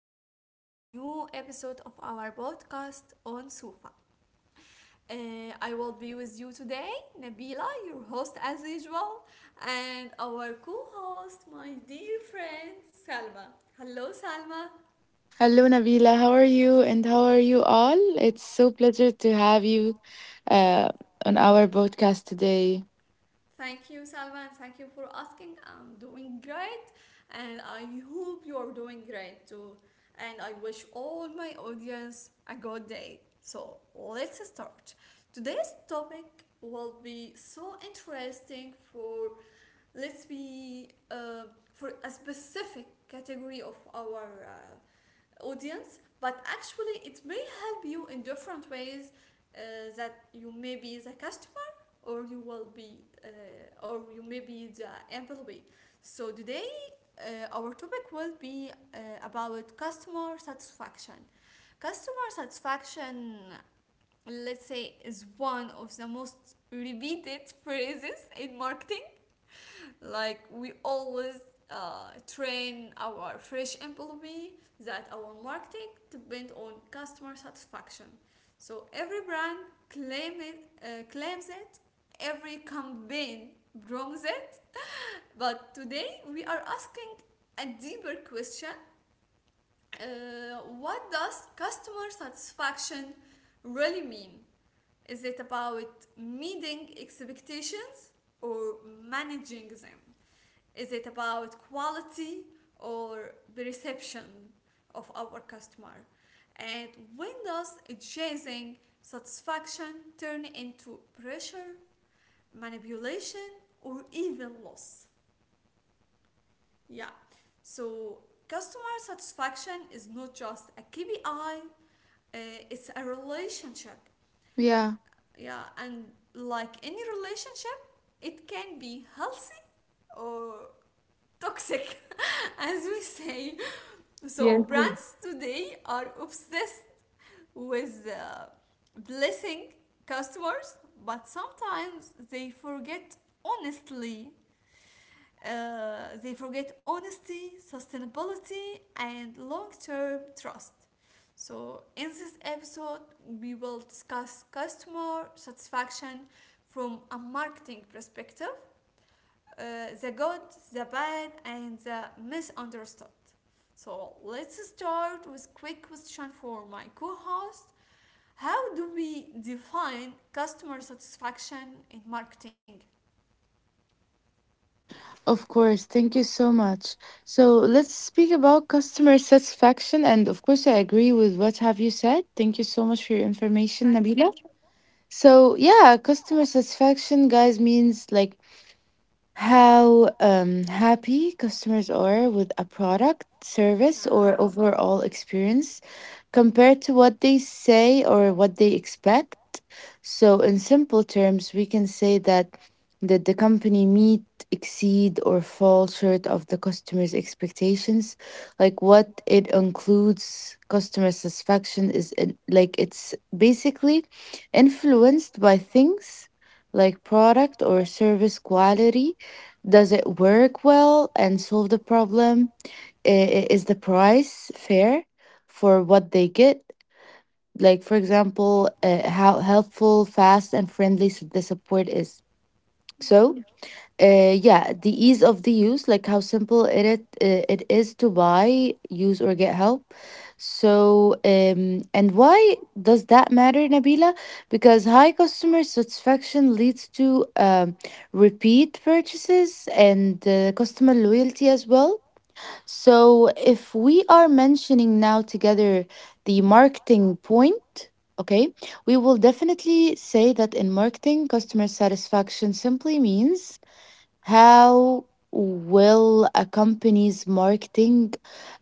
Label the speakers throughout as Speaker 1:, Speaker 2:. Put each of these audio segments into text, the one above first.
Speaker 1: back to a new episode of our podcast on Sufa. Uh, I will be with you today, Nabila, your host as usual, and our co host, my dear friend Salma. Hello, Salma.
Speaker 2: Hello, Nabila. How are you? And how are you all? It's so pleasure to have you uh, on our podcast today.
Speaker 1: Thank you, Salva, and thank you for asking. I'm doing great, and I hope you're doing great too. And I wish all my audience a good day. So, let's start. Today's topic will be so interesting for let's be for a specific category of our audience, but actually, it may help you in different ways uh, that you may be the customer or you will be or you may be the employee. So today our topic will be about customer satisfaction, let's say, is one of the most repeated phrases in marketing. Like, we always train our fresh employee that our marketing depend on customer satisfaction. So every brand claims it, every campaign brings it. But today we are asking a deeper question. What does customer satisfaction really mean? Is it about meeting expectations, or managing them? Is it about quality or the reception of our customer? And when does chasing satisfaction turn into pressure, manipulation, or even loss? Yeah. So customer satisfaction is not just a KPI, it's a relationship.
Speaker 2: Yeah.
Speaker 1: Yeah, and like any relationship, it can be healthy or toxic, as we say. So
Speaker 2: Yes.
Speaker 1: brands today are obsessed with blessing customers, but sometimes they forget honestly. They forget honesty, sustainability, and long-term trust. So in this episode, we will discuss customer satisfaction from a marketing perspective, uh, the good, the bad, and the misunderstood. So let's start with quick question for my co-host. How do we define customer satisfaction in marketing?
Speaker 2: Of course. Thank you so much. So let's speak about customer satisfaction. And of course, I agree with what have you said. Thank you so much for your information,
Speaker 1: Thank you.
Speaker 2: Nabila. So yeah, customer satisfaction, guys, means like how happy customers are with a product, service,
Speaker 1: Yeah.
Speaker 2: or overall experience compared to what they say or what they expect. So, in simple terms, we can say that did the company meet, exceed, or fall short of the customer's expectations? Like what it includes, customer satisfaction like it's basically influenced by things like product or service quality does it work well and solve the problem? Is the price fair for what they get? Like, for example, how helpful, fast, and friendly the support is.
Speaker 1: Yeah.
Speaker 2: So, yeah, the ease of the use, like how simple it is to buy, use, or get help. So, and why does that matter, Nabila? Because high customer satisfaction leads to repeat purchases and customer loyalty as well. So, if we are mentioning now together the marketing point, okay, we will definitely say that in marketing, customer satisfaction simply means how will a company's marketing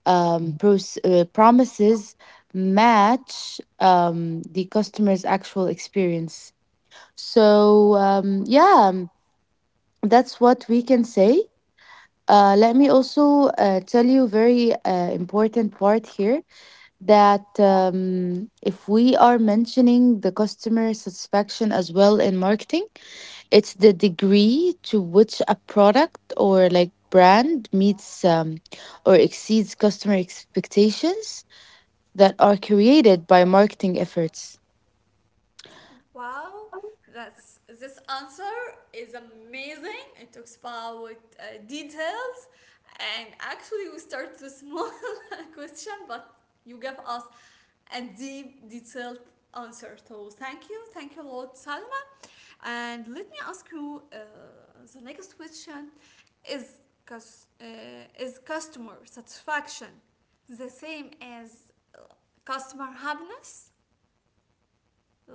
Speaker 2: promises match the customer's actual experience? So, um, yeah, um, that's what we can say. Let me also tell you very important part here that if we are mentioning the customer satisfaction as well in marketing, it's the degree to which a product or like brand meets or exceeds customer expectations that are created by marketing efforts.
Speaker 1: Wow. That's this answer is amazing. It talks about details, and actually we start with a small question, but you gave us and deep, detailed answer. So thank you a lot, Salma. And let me ask you the next question: Is cus- uh, is customer satisfaction the same as uh, customer happiness?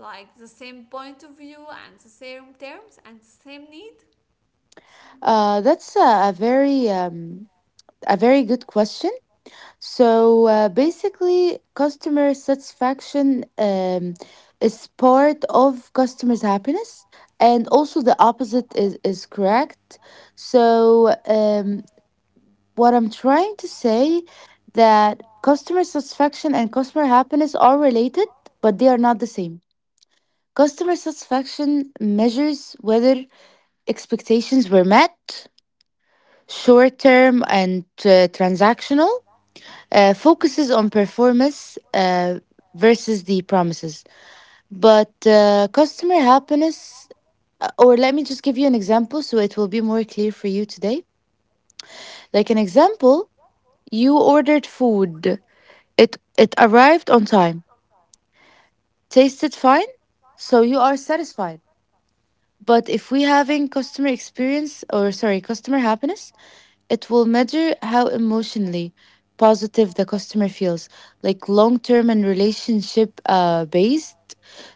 Speaker 1: Like the same point of view and the same terms and same need?
Speaker 2: That's a very good question. So basically, customer satisfaction is part of customers' happiness, and also the opposite is correct. So what I'm trying to say that customer satisfaction and customer happiness are related, but they are not the same. Customer satisfaction measures whether expectations were met, short term and transactional, focuses on performance versus the promises. But customer happiness, or let me just give you an example so it will be more clear for you today. Like an example, you ordered food. It arrived on time, tasted fine, so you are satisfied. But if we having customer experience or sorry, customer happiness, it will measure how emotionally positive the customer feels, like long term and relationship based.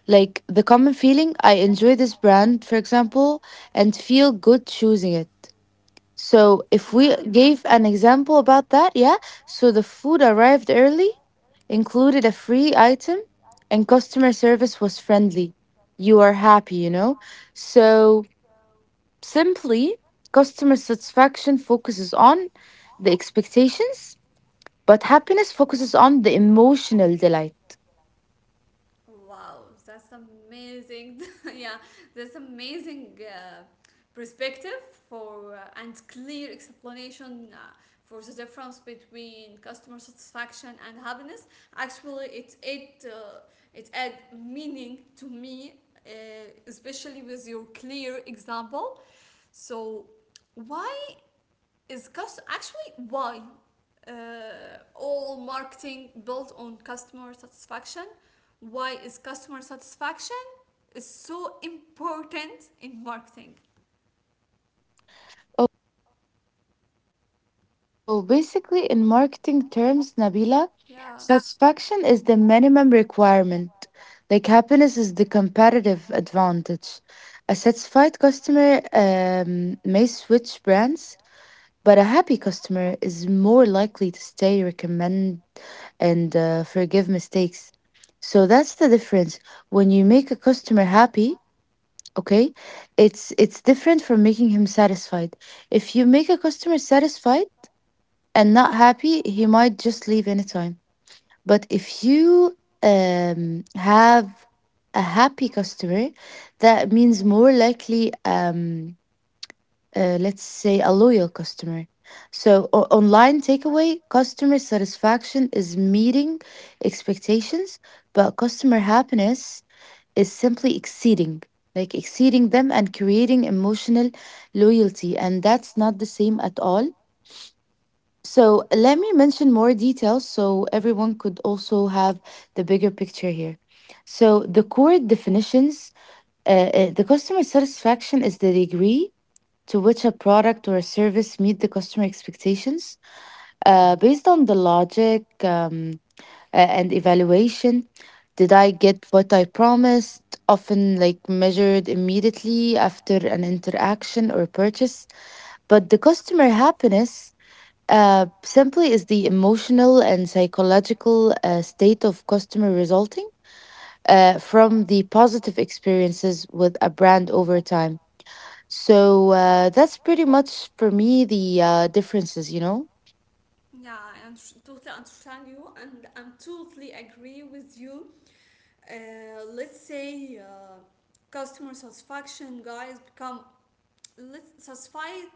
Speaker 2: Like the common feeling, I enjoy this brand, for example, and feel good choosing it. So if we
Speaker 1: Yeah.
Speaker 2: gave an example about that, yeah. So the food arrived early, included a free item, and customer service was friendly. You are happy. So simply, customer satisfaction focuses on the expectations, but happiness focuses on the emotional delight.
Speaker 1: Wow, that's amazing. Yeah, that's amazing perspective for and clear explanation for the difference between customer satisfaction and happiness. Actually, it add meaning to me, uh, especially with your clear example. So why is cust actually why all marketing built on customer satisfaction? Why is customer satisfaction is so important in marketing?
Speaker 2: So basically, in marketing terms, Nabila,
Speaker 1: Yeah,
Speaker 2: satisfaction is the minimum requirement. Like happiness is the competitive advantage. A satisfied customer may switch brands, but a happy customer is more likely to stay, recommend, and forgive mistakes. So that's the difference. When you make a customer happy, okay, it's different from making him satisfied. If you make a customer satisfied and not happy, he might just leave anytime. But if you have a happy customer, that means more likely, let's say, a loyal customer. So, online takeaway customer satisfaction is meeting expectations, but customer happiness is simply exceeding, like exceeding them and creating emotional loyalty. And that's not the same at all. So let me mention more details so everyone could also have the bigger picture here. So the core definitions, the customer satisfaction is the degree to which a product or a service meet the customer expectations based on the logic and evaluation. Did I get what I promised? Often like measured immediately after an interaction or purchase. But the customer happiness simply is the emotional and psychological state of customer resulting from the positive experiences with a brand over time. So that's pretty much for me the differences, you know.
Speaker 1: yeah, totally understand you, and I'm totally agree with you. Let's say customer satisfaction guys become let's satisfied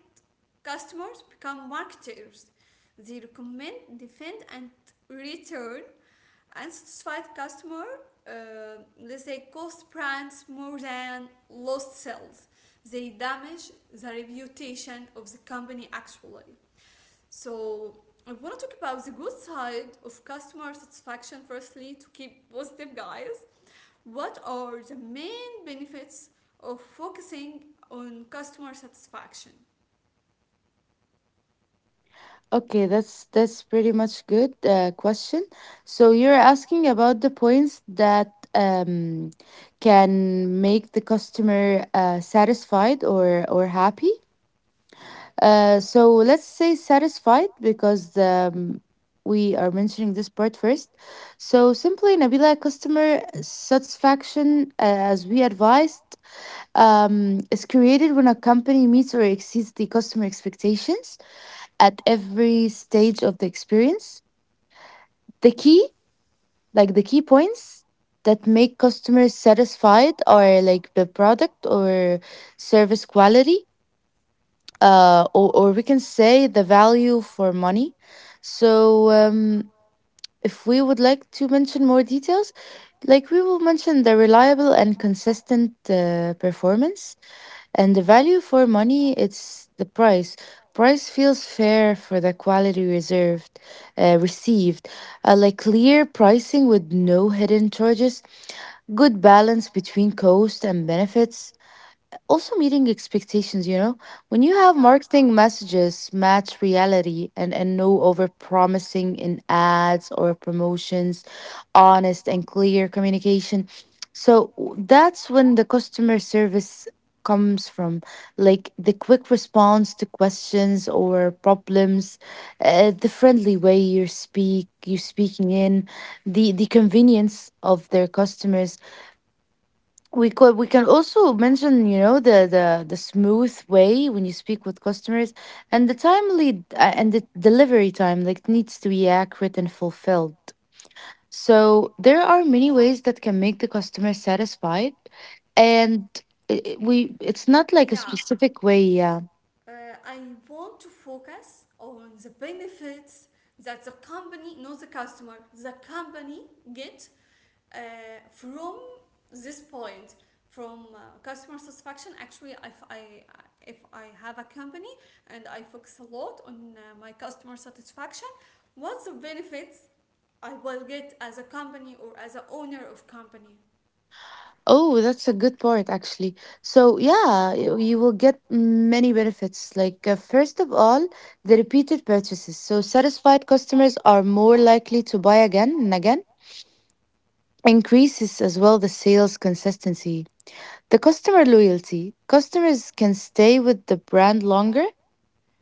Speaker 1: customers become marketers. They recommend, defend, and return unsatisfied customer. Let's say cost brands more than lost sales. They damage the reputation of the company actually. So I want to talk about the good side of customer satisfaction firstly to keep positive guys. What are the main benefits of focusing on customer satisfaction?
Speaker 2: Okay, that's pretty much good question. So you're asking about the points that can make the customer satisfied or happy. So let's say satisfied because we are mentioning this part first. So simply, Nabila, customer satisfaction, as we advised, is created when a company meets or exceeds the customer expectations at every stage of the experience. The key, like the key points that make customers satisfied are like the product or service quality or we can say the value for money. So, if we would like to mention more details, like we will mention the reliable and consistent performance and the value for money, it's the price. Price feels fair for the quality received, like clear pricing with no hidden charges, good balance between cost and benefits, also, meeting expectations, you know, when you have
Speaker 1: Yeah.
Speaker 2: marketing messages match reality and no over promising in ads or promotions, honest and clear communication. So that's when the customer service comes from like the quick response to questions or problems the friendly way you speaking in the convenience of their customers we can also mention you know the smooth way when you speak with customers and the timely and the delivery time like needs to be accurate and fulfilled. So there are many ways that can make the customer satisfied and we it's not like a
Speaker 1: Yeah,
Speaker 2: specific way, yeah.
Speaker 1: I want to focus on the benefits that the company, not the customer, the company get uh, from this point, from customer satisfaction. Actually, if I have a company and I focus a lot on my customer satisfaction, what's the benefits I will get as a company or as a owner of company?
Speaker 2: Oh, that's a good part, actually. So, yeah, you will get many benefits. Like, first of all, the repeated purchases. So, satisfied customers are more likely to buy again and again. Increases as well the sales consistency. The customer loyalty. Customers can stay with the brand longer,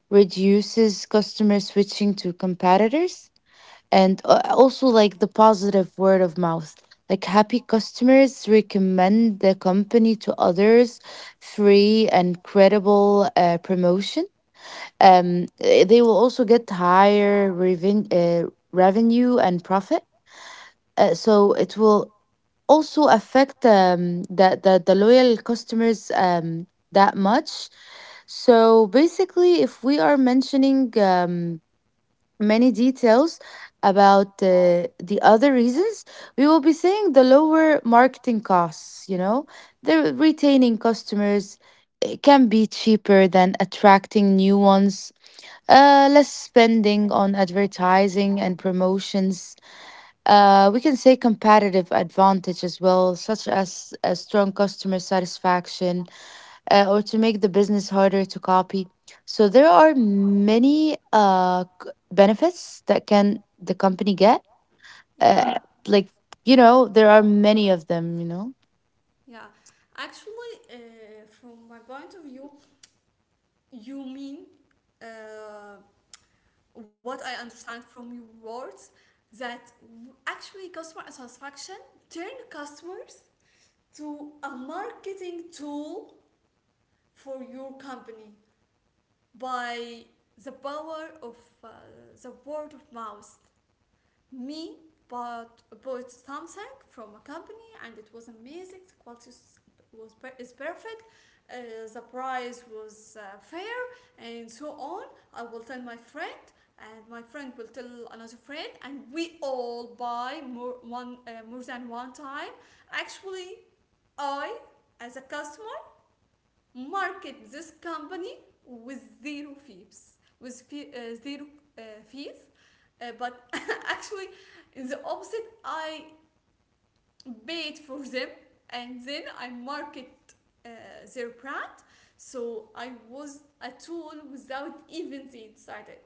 Speaker 2: reduces customer switching to competitors and also like the positive word of mouth like happy customers recommend the company to others, free and credible promotion. They will also get higher revenue and profit, so it will also affect the loyal customers that much. So basically if we are mentioning many details about the other reasons, we will be saying the lower marketing costs, you know, the retaining customers can be cheaper than attracting new ones. Less spending on advertising and promotions. We can say competitive advantage as well, such as a strong customer satisfaction, or to make the business harder to copy. So there are many benefits that can the company get.
Speaker 1: Yeah,
Speaker 2: Yeah. Like you know, there are many of them. You know.
Speaker 1: yeah. Actually, from my point of view, you mean uh, what I understand from your words that actually customer satisfaction turn customers to a marketing tool for your company by the power of uh, the word of mouth me but bought something from a company, and it was amazing. The quality is perfect, uh, the price was fair and so on. I will tell my friend, and my friend will tell another friend, and we all buy more than one time. Actually, I, as a customer, market this company with zero fees, with zero fees. But actually, in the opposite, I paid for them, and then I market uh, their brand. So I was a tool without even they decided.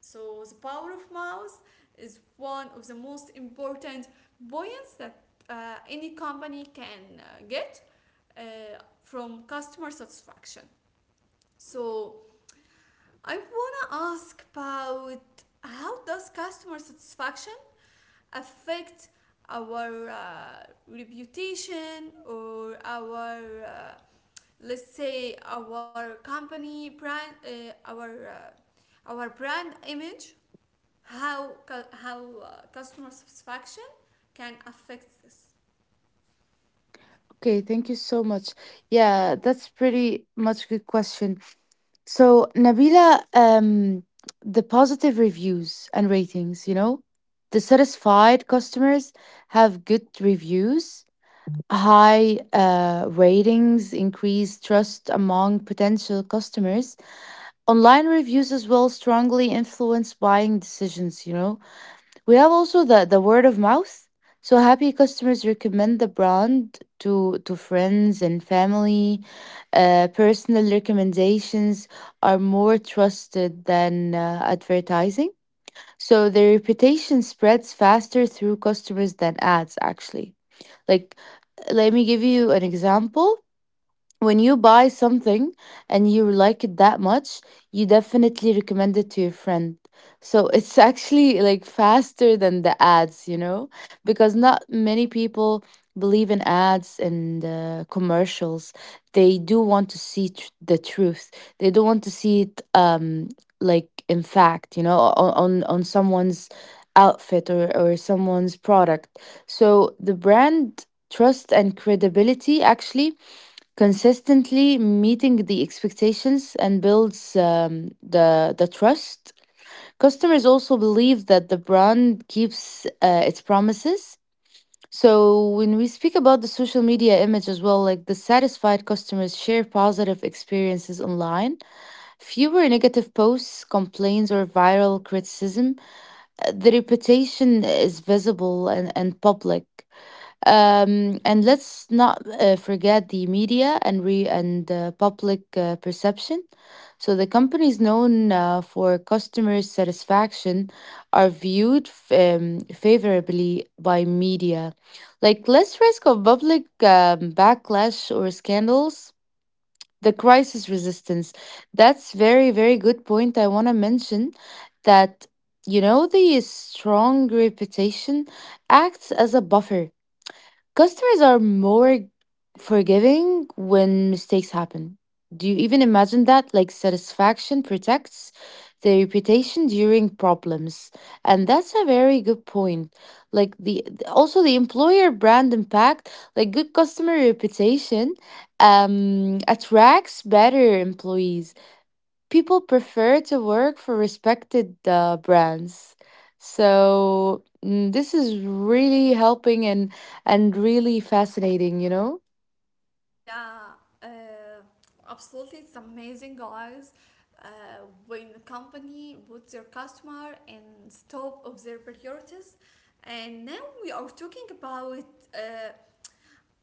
Speaker 1: So the power of mouth is one of the most important points that any company can get uh, from customer satisfaction. So I wanna ask about how does customer satisfaction affect our reputation or our let's say our company brand uh, our brand image. How how customer satisfaction can affect this?
Speaker 2: Okay, thank you so much. Yeah, that's pretty much good question. So Nabila, the positive reviews and ratings. You know, the satisfied customers have good reviews. High ratings increase trust among potential customers. Online reviews as well strongly influence buying decisions, you know. We have also the word of mouth. So happy customers recommend the brand to friends and family. Personal recommendations are more trusted than advertising. So the reputation spreads faster through customers than ads actually. Like, let me give you an example when you buy something and you like it that much, you definitely recommend it to your friend. So it's actually like faster than the ads, you know, because not many people believe in ads and commercials. They do want to see the truth. They don't want to see it like in fact, you know, on someone's outfit or someone's product. So the brand trust and credibility actually consistently meeting the expectations and builds the trust. Customers also believe that the brand keeps its promises. So when we speak about the social media image as well, like the satisfied customers share positive experiences online, fewer negative posts, complaints, or viral criticism. The reputation is visible and public and let's not forget the media and public perception. So the companies known for customer satisfaction are viewed favorably by media, like less risk of public backlash or scandals. The crisis resistance. That's very very good point. I want to mention that you know the strong reputation acts as a buffer. Customers are more forgiving when mistakes happen. Do you even imagine that? Like, satisfaction protects the reputation during problems. And that's a very good point. Like, the also the employer brand impact, like, good customer reputation attracts better employees, people prefer to work for respected brands. So this is really helping and really fascinating, you know?
Speaker 1: Yeah, uh, absolutely. It's amazing, guys. When the company puts your customer in the top of their priorities, and now we are talking about uh,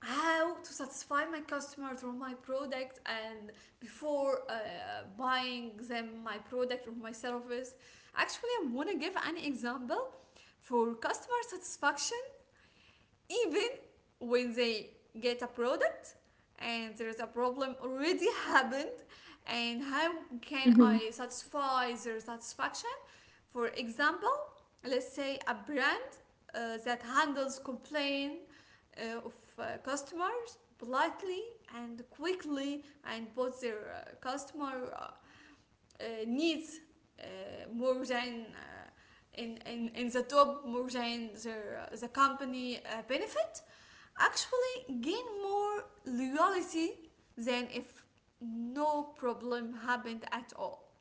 Speaker 1: how to satisfy my customer through my product and before buying them my product or my service. Actually, I want to give an example for customer satisfaction even when they get a product and there's a problem already happened, and how can
Speaker 2: Hmm.
Speaker 1: I satisfy their satisfaction. For example, let's say a brand that handles complaint of customers politely and quickly, and puts their customer needs uh, more than in the top more than the company benefit, actually gain more loyalty than if no problem happened at all.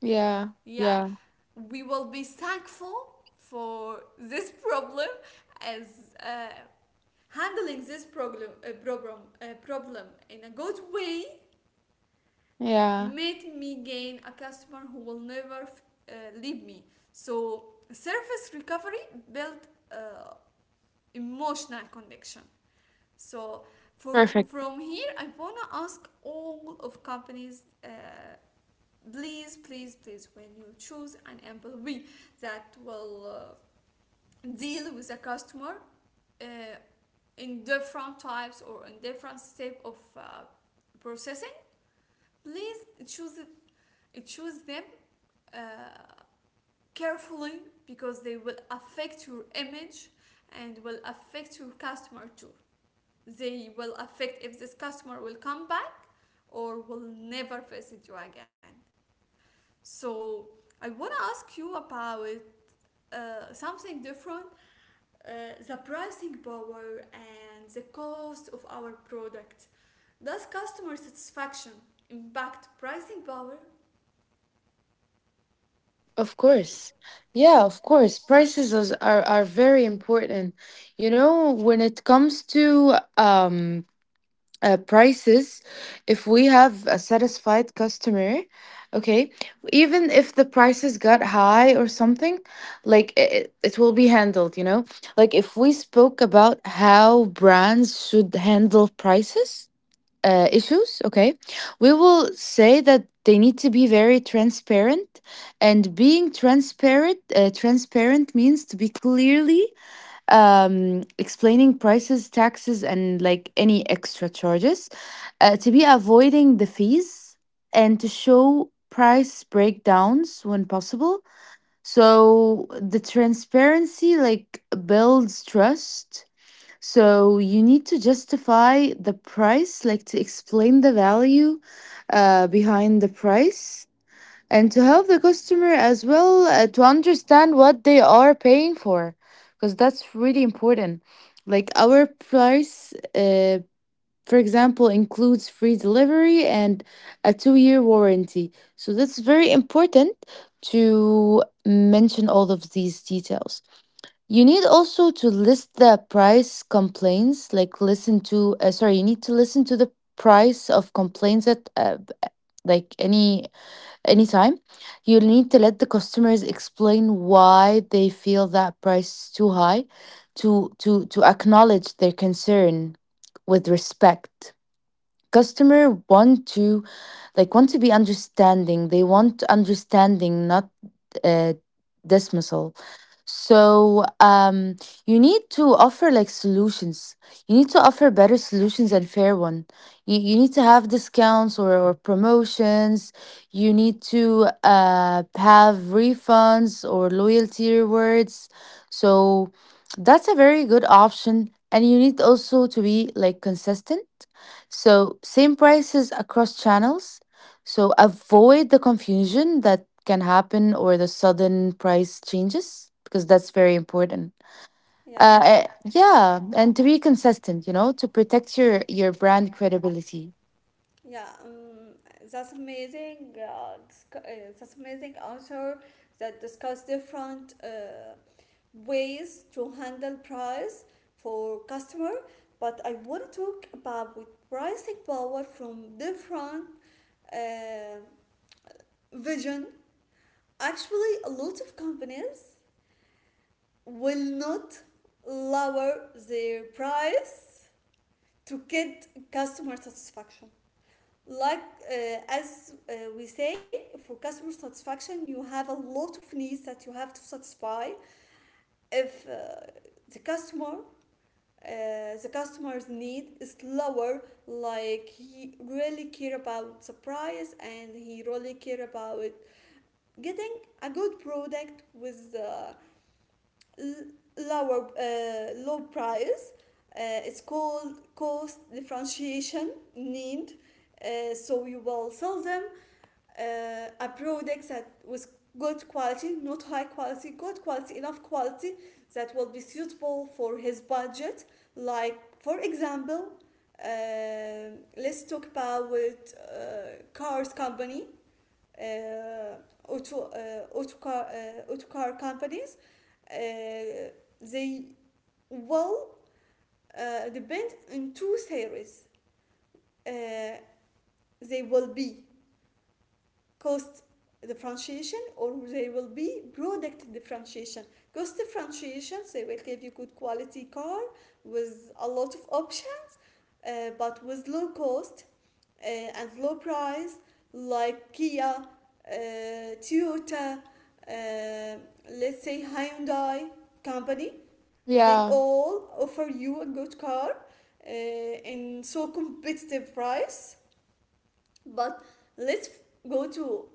Speaker 2: Yeah,
Speaker 1: Yeah,
Speaker 2: yeah,
Speaker 1: we will be thankful for this problem, as handling this problem problem problem in a good way
Speaker 2: yeah.
Speaker 1: made me gain a customer who will never uh, leave me. So service recovery built emotional connection. So from
Speaker 2: Perfect.
Speaker 1: from here, I wanna ask all of companies, please, please, please, when you choose an employee that will deal with a customer uh, in different types or in different step of processing, please choose choose them uh, carefully, because they will affect your image and will affect your customer too. They will affect if this customer will come back or will never visit you again. So I want to ask you about something different, the pricing power and the cost of our product. Does customer satisfaction impact pricing power?
Speaker 2: Of course. Yeah, of course. Prices is, are very important. You know, when it comes to prices, if we have a satisfied customer, okay, even if the prices got high or something, like it will be handled, you know. Like if we spoke about how brands should handle prices issues, okay, we will say that they need to be very transparent. And being transparent, transparent means to be clearly explaining prices, taxes, and like any extra charges, to be avoiding the fees and to show price breakdowns when possible. So the transparency like builds trust. So you need to justify the price, like to explain the value behind the price, and to help the customer as well to understand what they are paying for, because that's really important. Like our price for example includes free delivery and a 2 year warranty, so that's very important to mention all of these details. You need also to list the price complaints, like listen to sorry, you need to listen to the price of complaints that like any anytime. You'll need to let the customers explain why they feel that price is too high, to acknowledge their concern with respect. Customer want to like want to be understanding. They want understanding, not uh, dismissal. So, you need to offer like solutions. You need to offer better solutions and fair one. You need to have discounts or promotions. You need to have refunds or loyalty rewards. So that's a very good option, and you need also to be like consistent. So same prices across channels, so avoid the confusion that can happen or the sudden price changes, because that's very important.
Speaker 1: Yeah.
Speaker 2: Uh, eh, yeah, and to be consistent, you know, to protect your brand credibility.
Speaker 1: Yeah, that's amazing. That's amazing answer that discuss different ways to handle price for customer. But I want to talk about with pricing power from different uh, vision. Actually, a lot of companies will not lower their price to get customer satisfaction. Like, as we say, for customer satisfaction you have a lot of needs that you have to satisfy. If the customer uh, the customer's need is lower, like he really care about the price and he really care about getting a good product with low price, it's called cost differentiation need. So you will sell them a product that was good quality, not high quality, good quality, enough quality that will be suitable for his budget. Like, for example, uh, let's talk about cars company, uh, auto car companies. Uh, they will depend on two series. Uh, they will be cost differentiation, or there will be product differentiation. Cost differentiation, they will give you good quality car with a lot of options, but with low cost and low price, like Kia, Toyota, let's say Hyundai company. They
Speaker 2: Yeah,
Speaker 1: all offer you a good car uh, in so competitive price. But let's go to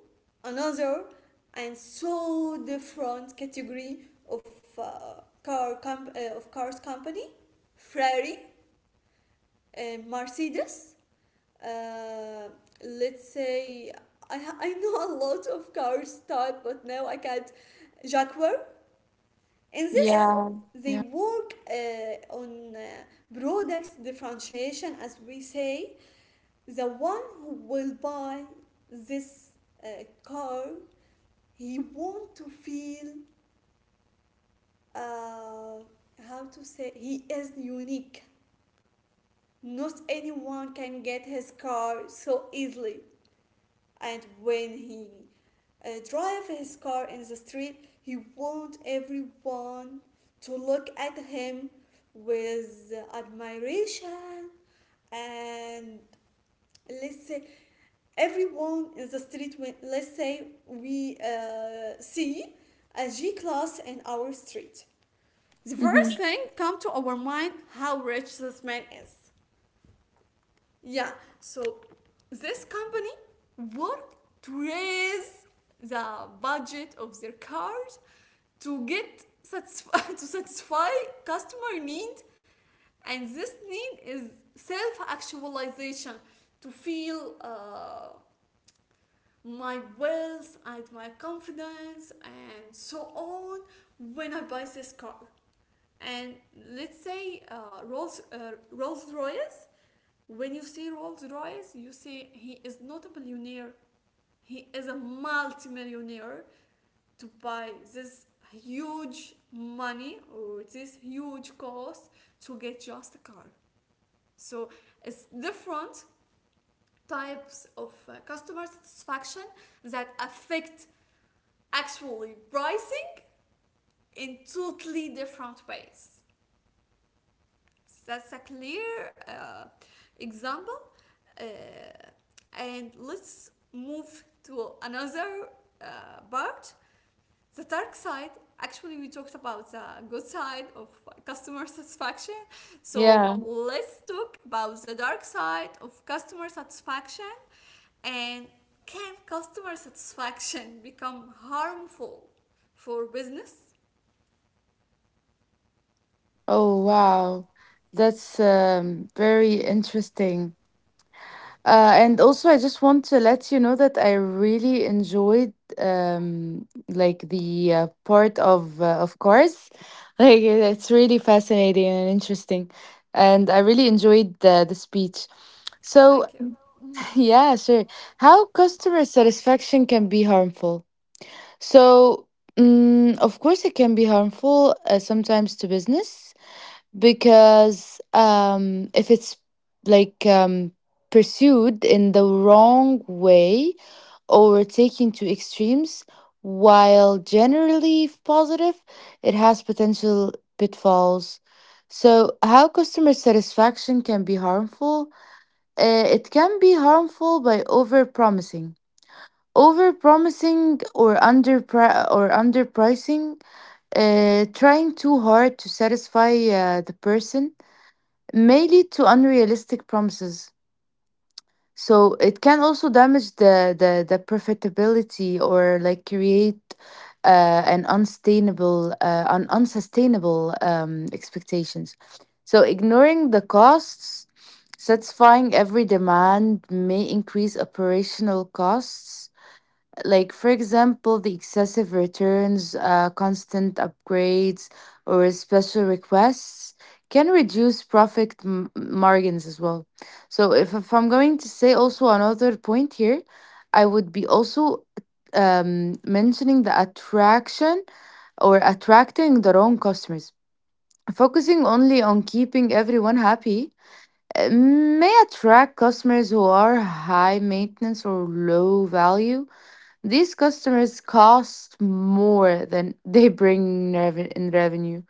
Speaker 1: another and so different category of of cars company, Ferrari, Mercedes. Uh, let's say I know a lot of cars type, but now I can't. Jaguar. In this,
Speaker 2: yeah,
Speaker 1: they
Speaker 2: yeah,
Speaker 1: work on products differentiation, as we say, the one who will buy this uh, car, he want to feel uh, how to say, he is unique, not anyone can get his car so easily. And when he drive his car in the street, he want everyone to look at him with admiration. And let's say everyone in the street, when let's say we see a G class in our street, the
Speaker 2: hmm,
Speaker 1: first thing come to our mind, how rich this man is. Yeah, so this company worked to raise the budget of their cars to get to satisfy customer need, and this need is self actualization, to feel my wealth and my confidence and so on when I buy this car. And let's say Rolls Royce. When you see Rolls Royce, you see he is not a billionaire. He is a multimillionaire to buy this huge money or this huge cost to get just a car. So it's different types of customer satisfaction that affect actually rising in totally different ways. That's a clear example. Uh, and let's move to another part, the dark side. Actually, we talked about the good side of customer satisfaction. So
Speaker 2: yeah.
Speaker 1: let's talk about the dark side of customer satisfaction and can customer satisfaction become harmful for business?
Speaker 2: Oh wow, that's very interesting. And also, I just want to let you know that I really enjoyed like the part of cars. Like it's really fascinating and interesting, and I really enjoyed the speech.
Speaker 1: Thank
Speaker 2: So
Speaker 1: you.
Speaker 2: yeah, sure. How customer satisfaction can be harmful? So, mm, of course, it can be harmful sometimes to business, because if it's like pursued in the wrong way or taken to extremes, while generally positive, it has potential pitfalls. So, how customer satisfaction can be harmful? It can be harmful by overpromising. Overpromising or underpricing, trying too hard to satisfy the person may lead to unrealistic promises. So it can also damage the profitability, or like create an unsustainable expectations. So ignoring the costs, satisfying every demand may increase operational costs, like for example the excessive returns, constant upgrades or special requests, can reduce profit margins as well. So if I'm going to say also another point here, I would be also mentioning the attraction or attracting the wrong customers. Focusing only on keeping everyone happy may attract customers who are high maintenance or low value. These customers cost more than they bring rev- in revenue.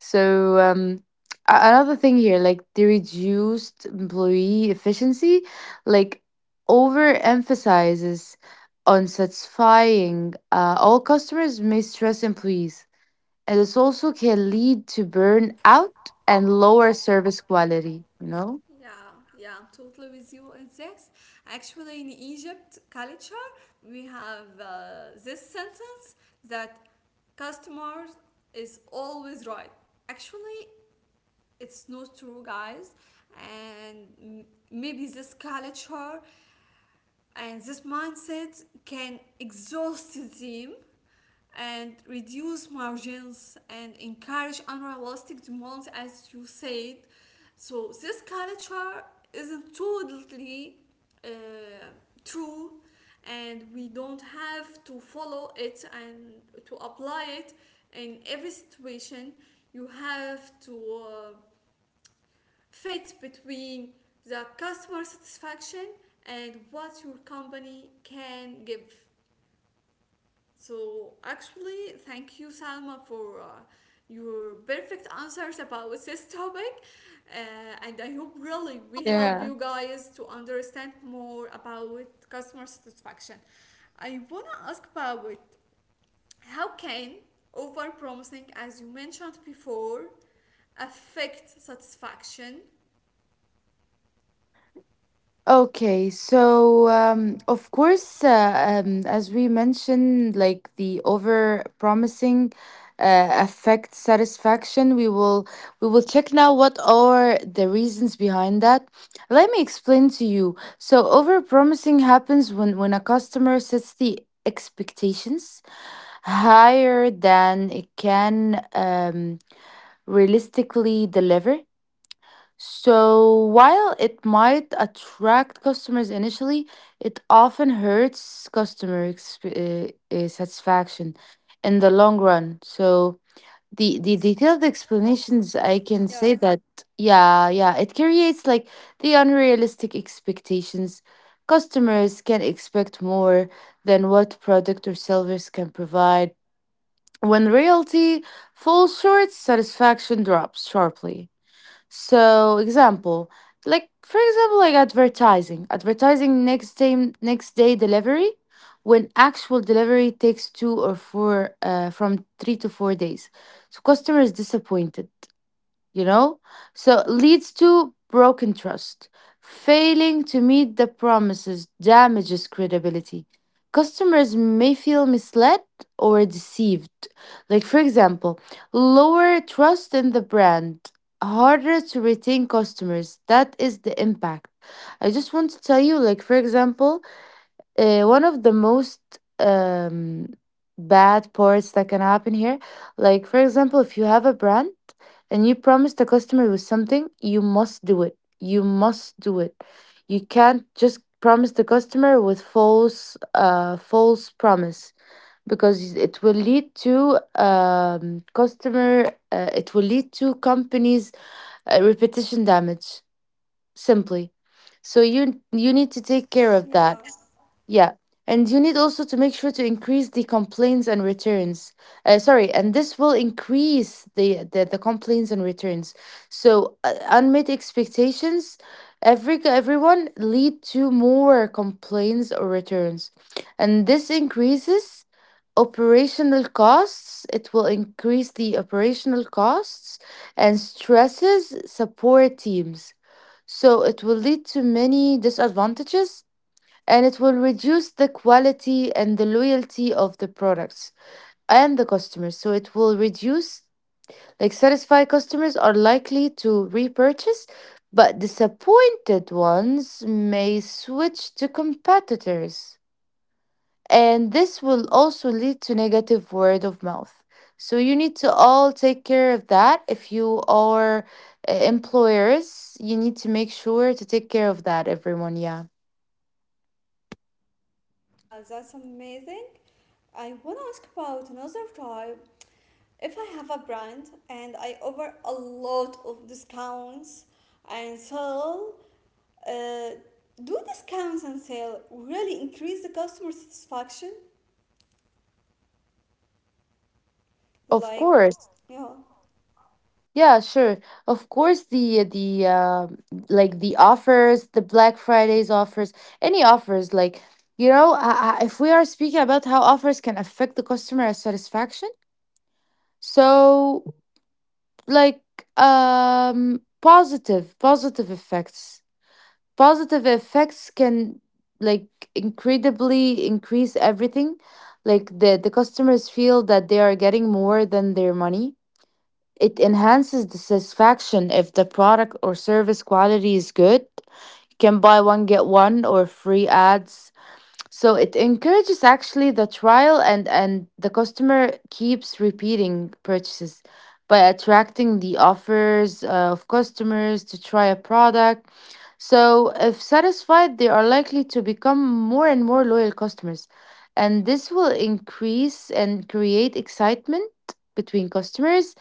Speaker 2: So, another thing here, like the reduced employee efficiency, like overemphasizes on satisfying all customers may stress employees. And this also can lead to burnout and lower service quality, you know?
Speaker 1: Yeah, yeah, I'm totally with you on this. Actually, in Egypt culture, we have this sentence that customers is always right. Actually, it's not true, guys. And maybe this culture and this mindset can exhaust them and reduce margins and encourage unrealistic demands as you said. So this culture isn't totally uh, true, and we don't have to follow it and to apply it in every situation. You have to fit between the customer satisfaction and what your company can give. So, actually, thank you, Salma, for your perfect answers about this topic. And I hope really we help
Speaker 2: Yeah.
Speaker 1: you guys to understand more about customer satisfaction. I want to ask about how can overpromising, as you mentioned before, affect satisfaction?
Speaker 2: Okay, so of course, as we mentioned, like the over promising affect satisfaction, we will check now what are the reasons behind that. Let me explain to you. So over promising happens when a customer sets the expectations higher than it can realistically deliver. So, while it might attract customers initially, it often hurts customer satisfaction in the long run. So, the detailed explanations, I can
Speaker 1: Yeah,
Speaker 2: say that, yeah, yeah, it creates like the unrealistic expectations. Customers can expect more than what product or service can provide. When reality falls short, satisfaction drops sharply. So, example, like for example, like advertising next day delivery, when actual delivery takes two or four, from 3 to 4 days. So customer is disappointed, you know? So leads to broken trust. Failing to meet the promises damages credibility. Customers may feel misled or deceived. Like, for example, lower trust in the brand, harder to retain customers. That is the impact. I just want to tell you, like, for example, one of the most um, bad parts that can happen here. Like, for example, if you have a brand and you promise the customer with something, you must do it. You must do it. You can't just promise the customer with false promise, because it will lead to customer. It will lead to companies' repetition damage. Simply, so you need to take care of
Speaker 1: yeah.
Speaker 2: that, yeah. And you need also to make sure to increase the complaints and returns. Sorry, and This will increase the complaints and returns. So unmet expectations, everyone lead to more complaints or returns, and this increases operational costs. It will increase the operational costs and stresses support teams. So it will lead to many disadvantages, and it will reduce the quality and the loyalty of the products and the customers. So it will reduce, like, satisfied customers are likely to repurchase, but disappointed ones may switch to competitors. And this will also lead to negative word of mouth. So you need to all take care of that. If you are employers, you need to make sure to take care of that, everyone. Yeah.
Speaker 1: Yeah, that's amazing. I want to ask about another type. If I have a brand and I offer a lot of discounts and sell, uh, do discounts and sale really increase the customer satisfaction?
Speaker 2: Of
Speaker 1: Like,
Speaker 2: course.
Speaker 1: yeah.
Speaker 2: Yeah, sure. Of course, the like the offers, the Black Fridays offers, any offers, like you know, if we are speaking about how offers can affect the customer satisfaction, so like, um positive positive effects, positive effects can like incredibly increase everything, like the customers feel that they are getting more than their money. It enhances the satisfaction if the product or service quality is good. You can buy one, get one, or free ads. So it encourages actually the trial, and the customer keeps repeating purchases by attracting the offers of customers to try a product. So if satisfied, they are likely to become more and more loyal customers. And this will increase and create excitement between customers,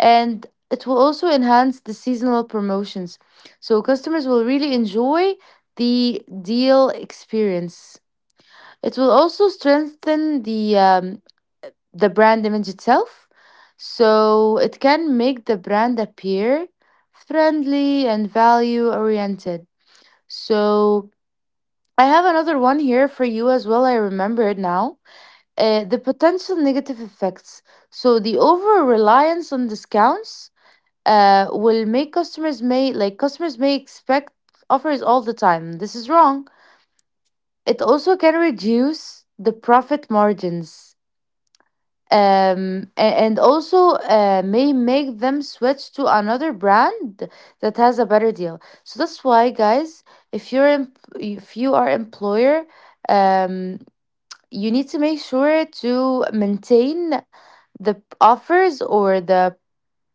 Speaker 2: and it will also enhance the seasonal promotions. So customers will really enjoy the deal experience. It will also strengthen the brand image itself. So it can make the brand appear friendly and value oriented. So I have another one here for you as well. I remember it now. The potential negative effects. So the over reliance on discounts will make customers may expect offers all the time. This is wrong. It also can reduce the profit margins, and also may make them switch to another brand that has a better deal. So that's why, guys, if you're em- if you are employer, um, you need to make sure to maintain the offers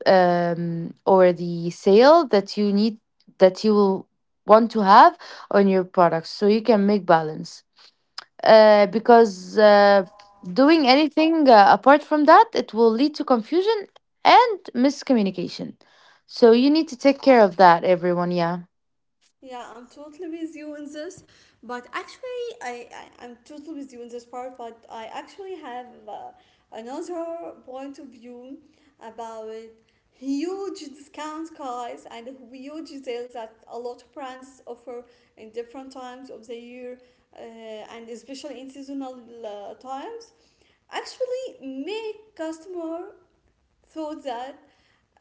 Speaker 2: or the sale that you need that you will want to have on your products, so you can make balance, because doing anything apart from that, it will lead to confusion and miscommunication. So you need to take care of that, everyone, yeah.
Speaker 1: Yeah, I'm totally with you in this, but actually, I I'm totally with you in this part. But I actually have another point of view about huge discount cards and huge deals that a lot of brands offer in different times of the year, and especially in seasonal times, actually make customer so that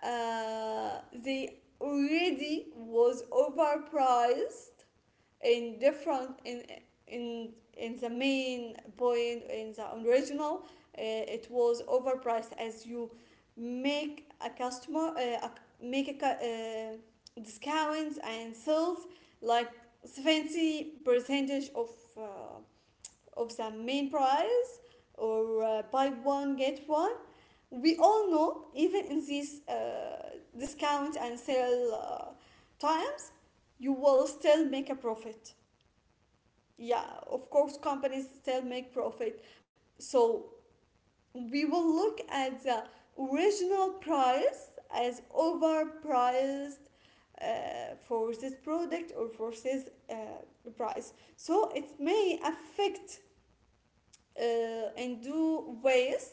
Speaker 1: they already was overpriced in different in in the main point in the original, it was overpriced. As you make a customer make a cu- discounts and sales like 70 percentage uh, of the main price, or buy one get one. We all know even in these discount and sale time you will still make a profit. Yeah, of course companies still make profit. So we will look at the original price as overpriced for this product or for this price. So it may affect in two ways.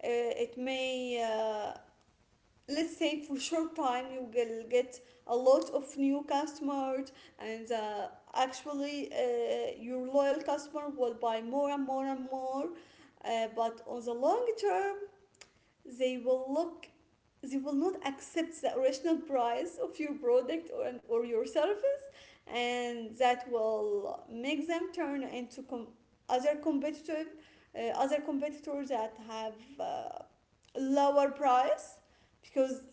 Speaker 1: It may let's say, for short time, you will get a lot of new customers, and actually your loyal customer will buy more and more and more. But on the long term, they will look, they will not accept the original price of your product or your service, and that will make them turn into other competitive, other competitors that have uh, lower price, because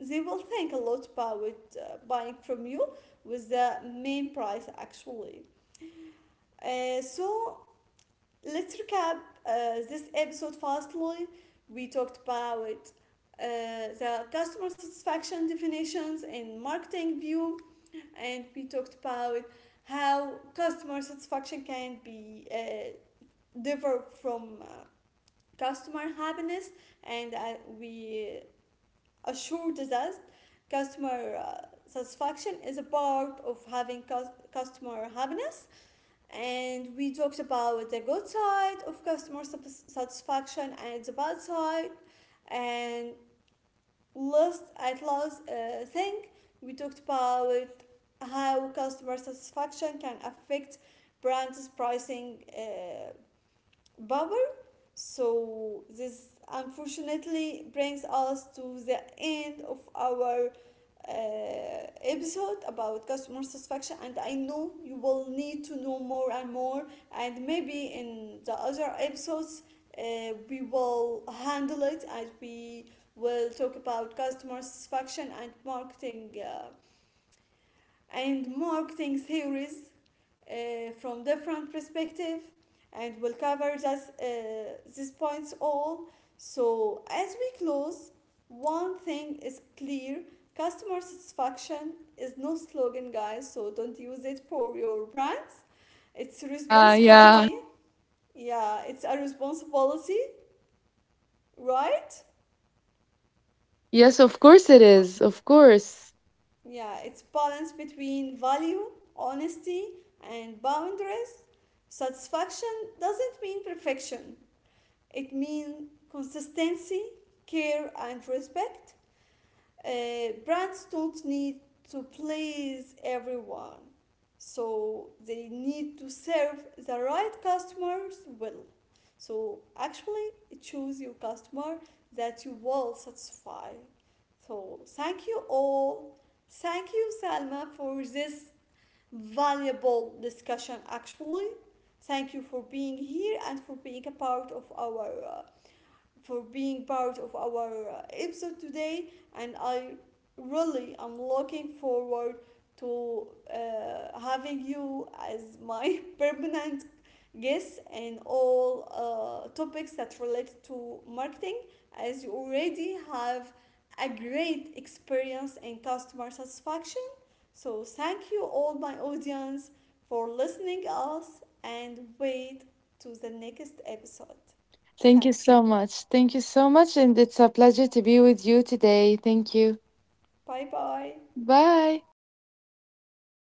Speaker 1: they will think a lot about buying from you with the main price actually. So let's recap this episode fastly. We talked about the customer satisfaction definitions in marketing view, and we talked about how customer satisfaction can be differ from customer happiness, and we assured us customer satisfaction is a part of having customer happiness, and we talked about the good side of customer satisfaction and the bad side, and last, at last thing, we talked about how customer satisfaction can affect brands pricing power. So, this unfortunately brings us to the end of our episode about customer satisfaction. And I know you will need to know more and more. And maybe in the other episodes, uh, we will handle it, and we will talk about customer satisfaction and marketing and marketing theories from different perspective, and we'll cover just these points all. So as we close, one thing is clear: customer satisfaction is no slogan, guys, so don't use it for your brands. It's
Speaker 2: Yeah.
Speaker 1: responsibility. Yeah, it's a responsibility, right?
Speaker 2: Yes, of course it is. Of course.
Speaker 1: Yeah, it's balance between value, honesty, and boundaries. Satisfaction doesn't mean perfection. It means consistency, care, and respect. Brands don't need to please everyone, so they need to serve the right customers well. So actually, choose your customer that you will satisfy. So thank you all. Thank you, Salma, for this valuable discussion. Actually, thank you for being here and for being a part of our for being part of our episode today, and I really am looking forward to having you as my permanent guest in all topics that relate to marketing, as you already have a great experience in customer satisfaction. So thank you all my audience for listening us and wait to the next episode.
Speaker 2: Thank you
Speaker 1: Thank you.
Speaker 2: so much. Thank you so much. And it's a pleasure to be with you today. Thank you.
Speaker 1: Bye bye.
Speaker 2: Bye.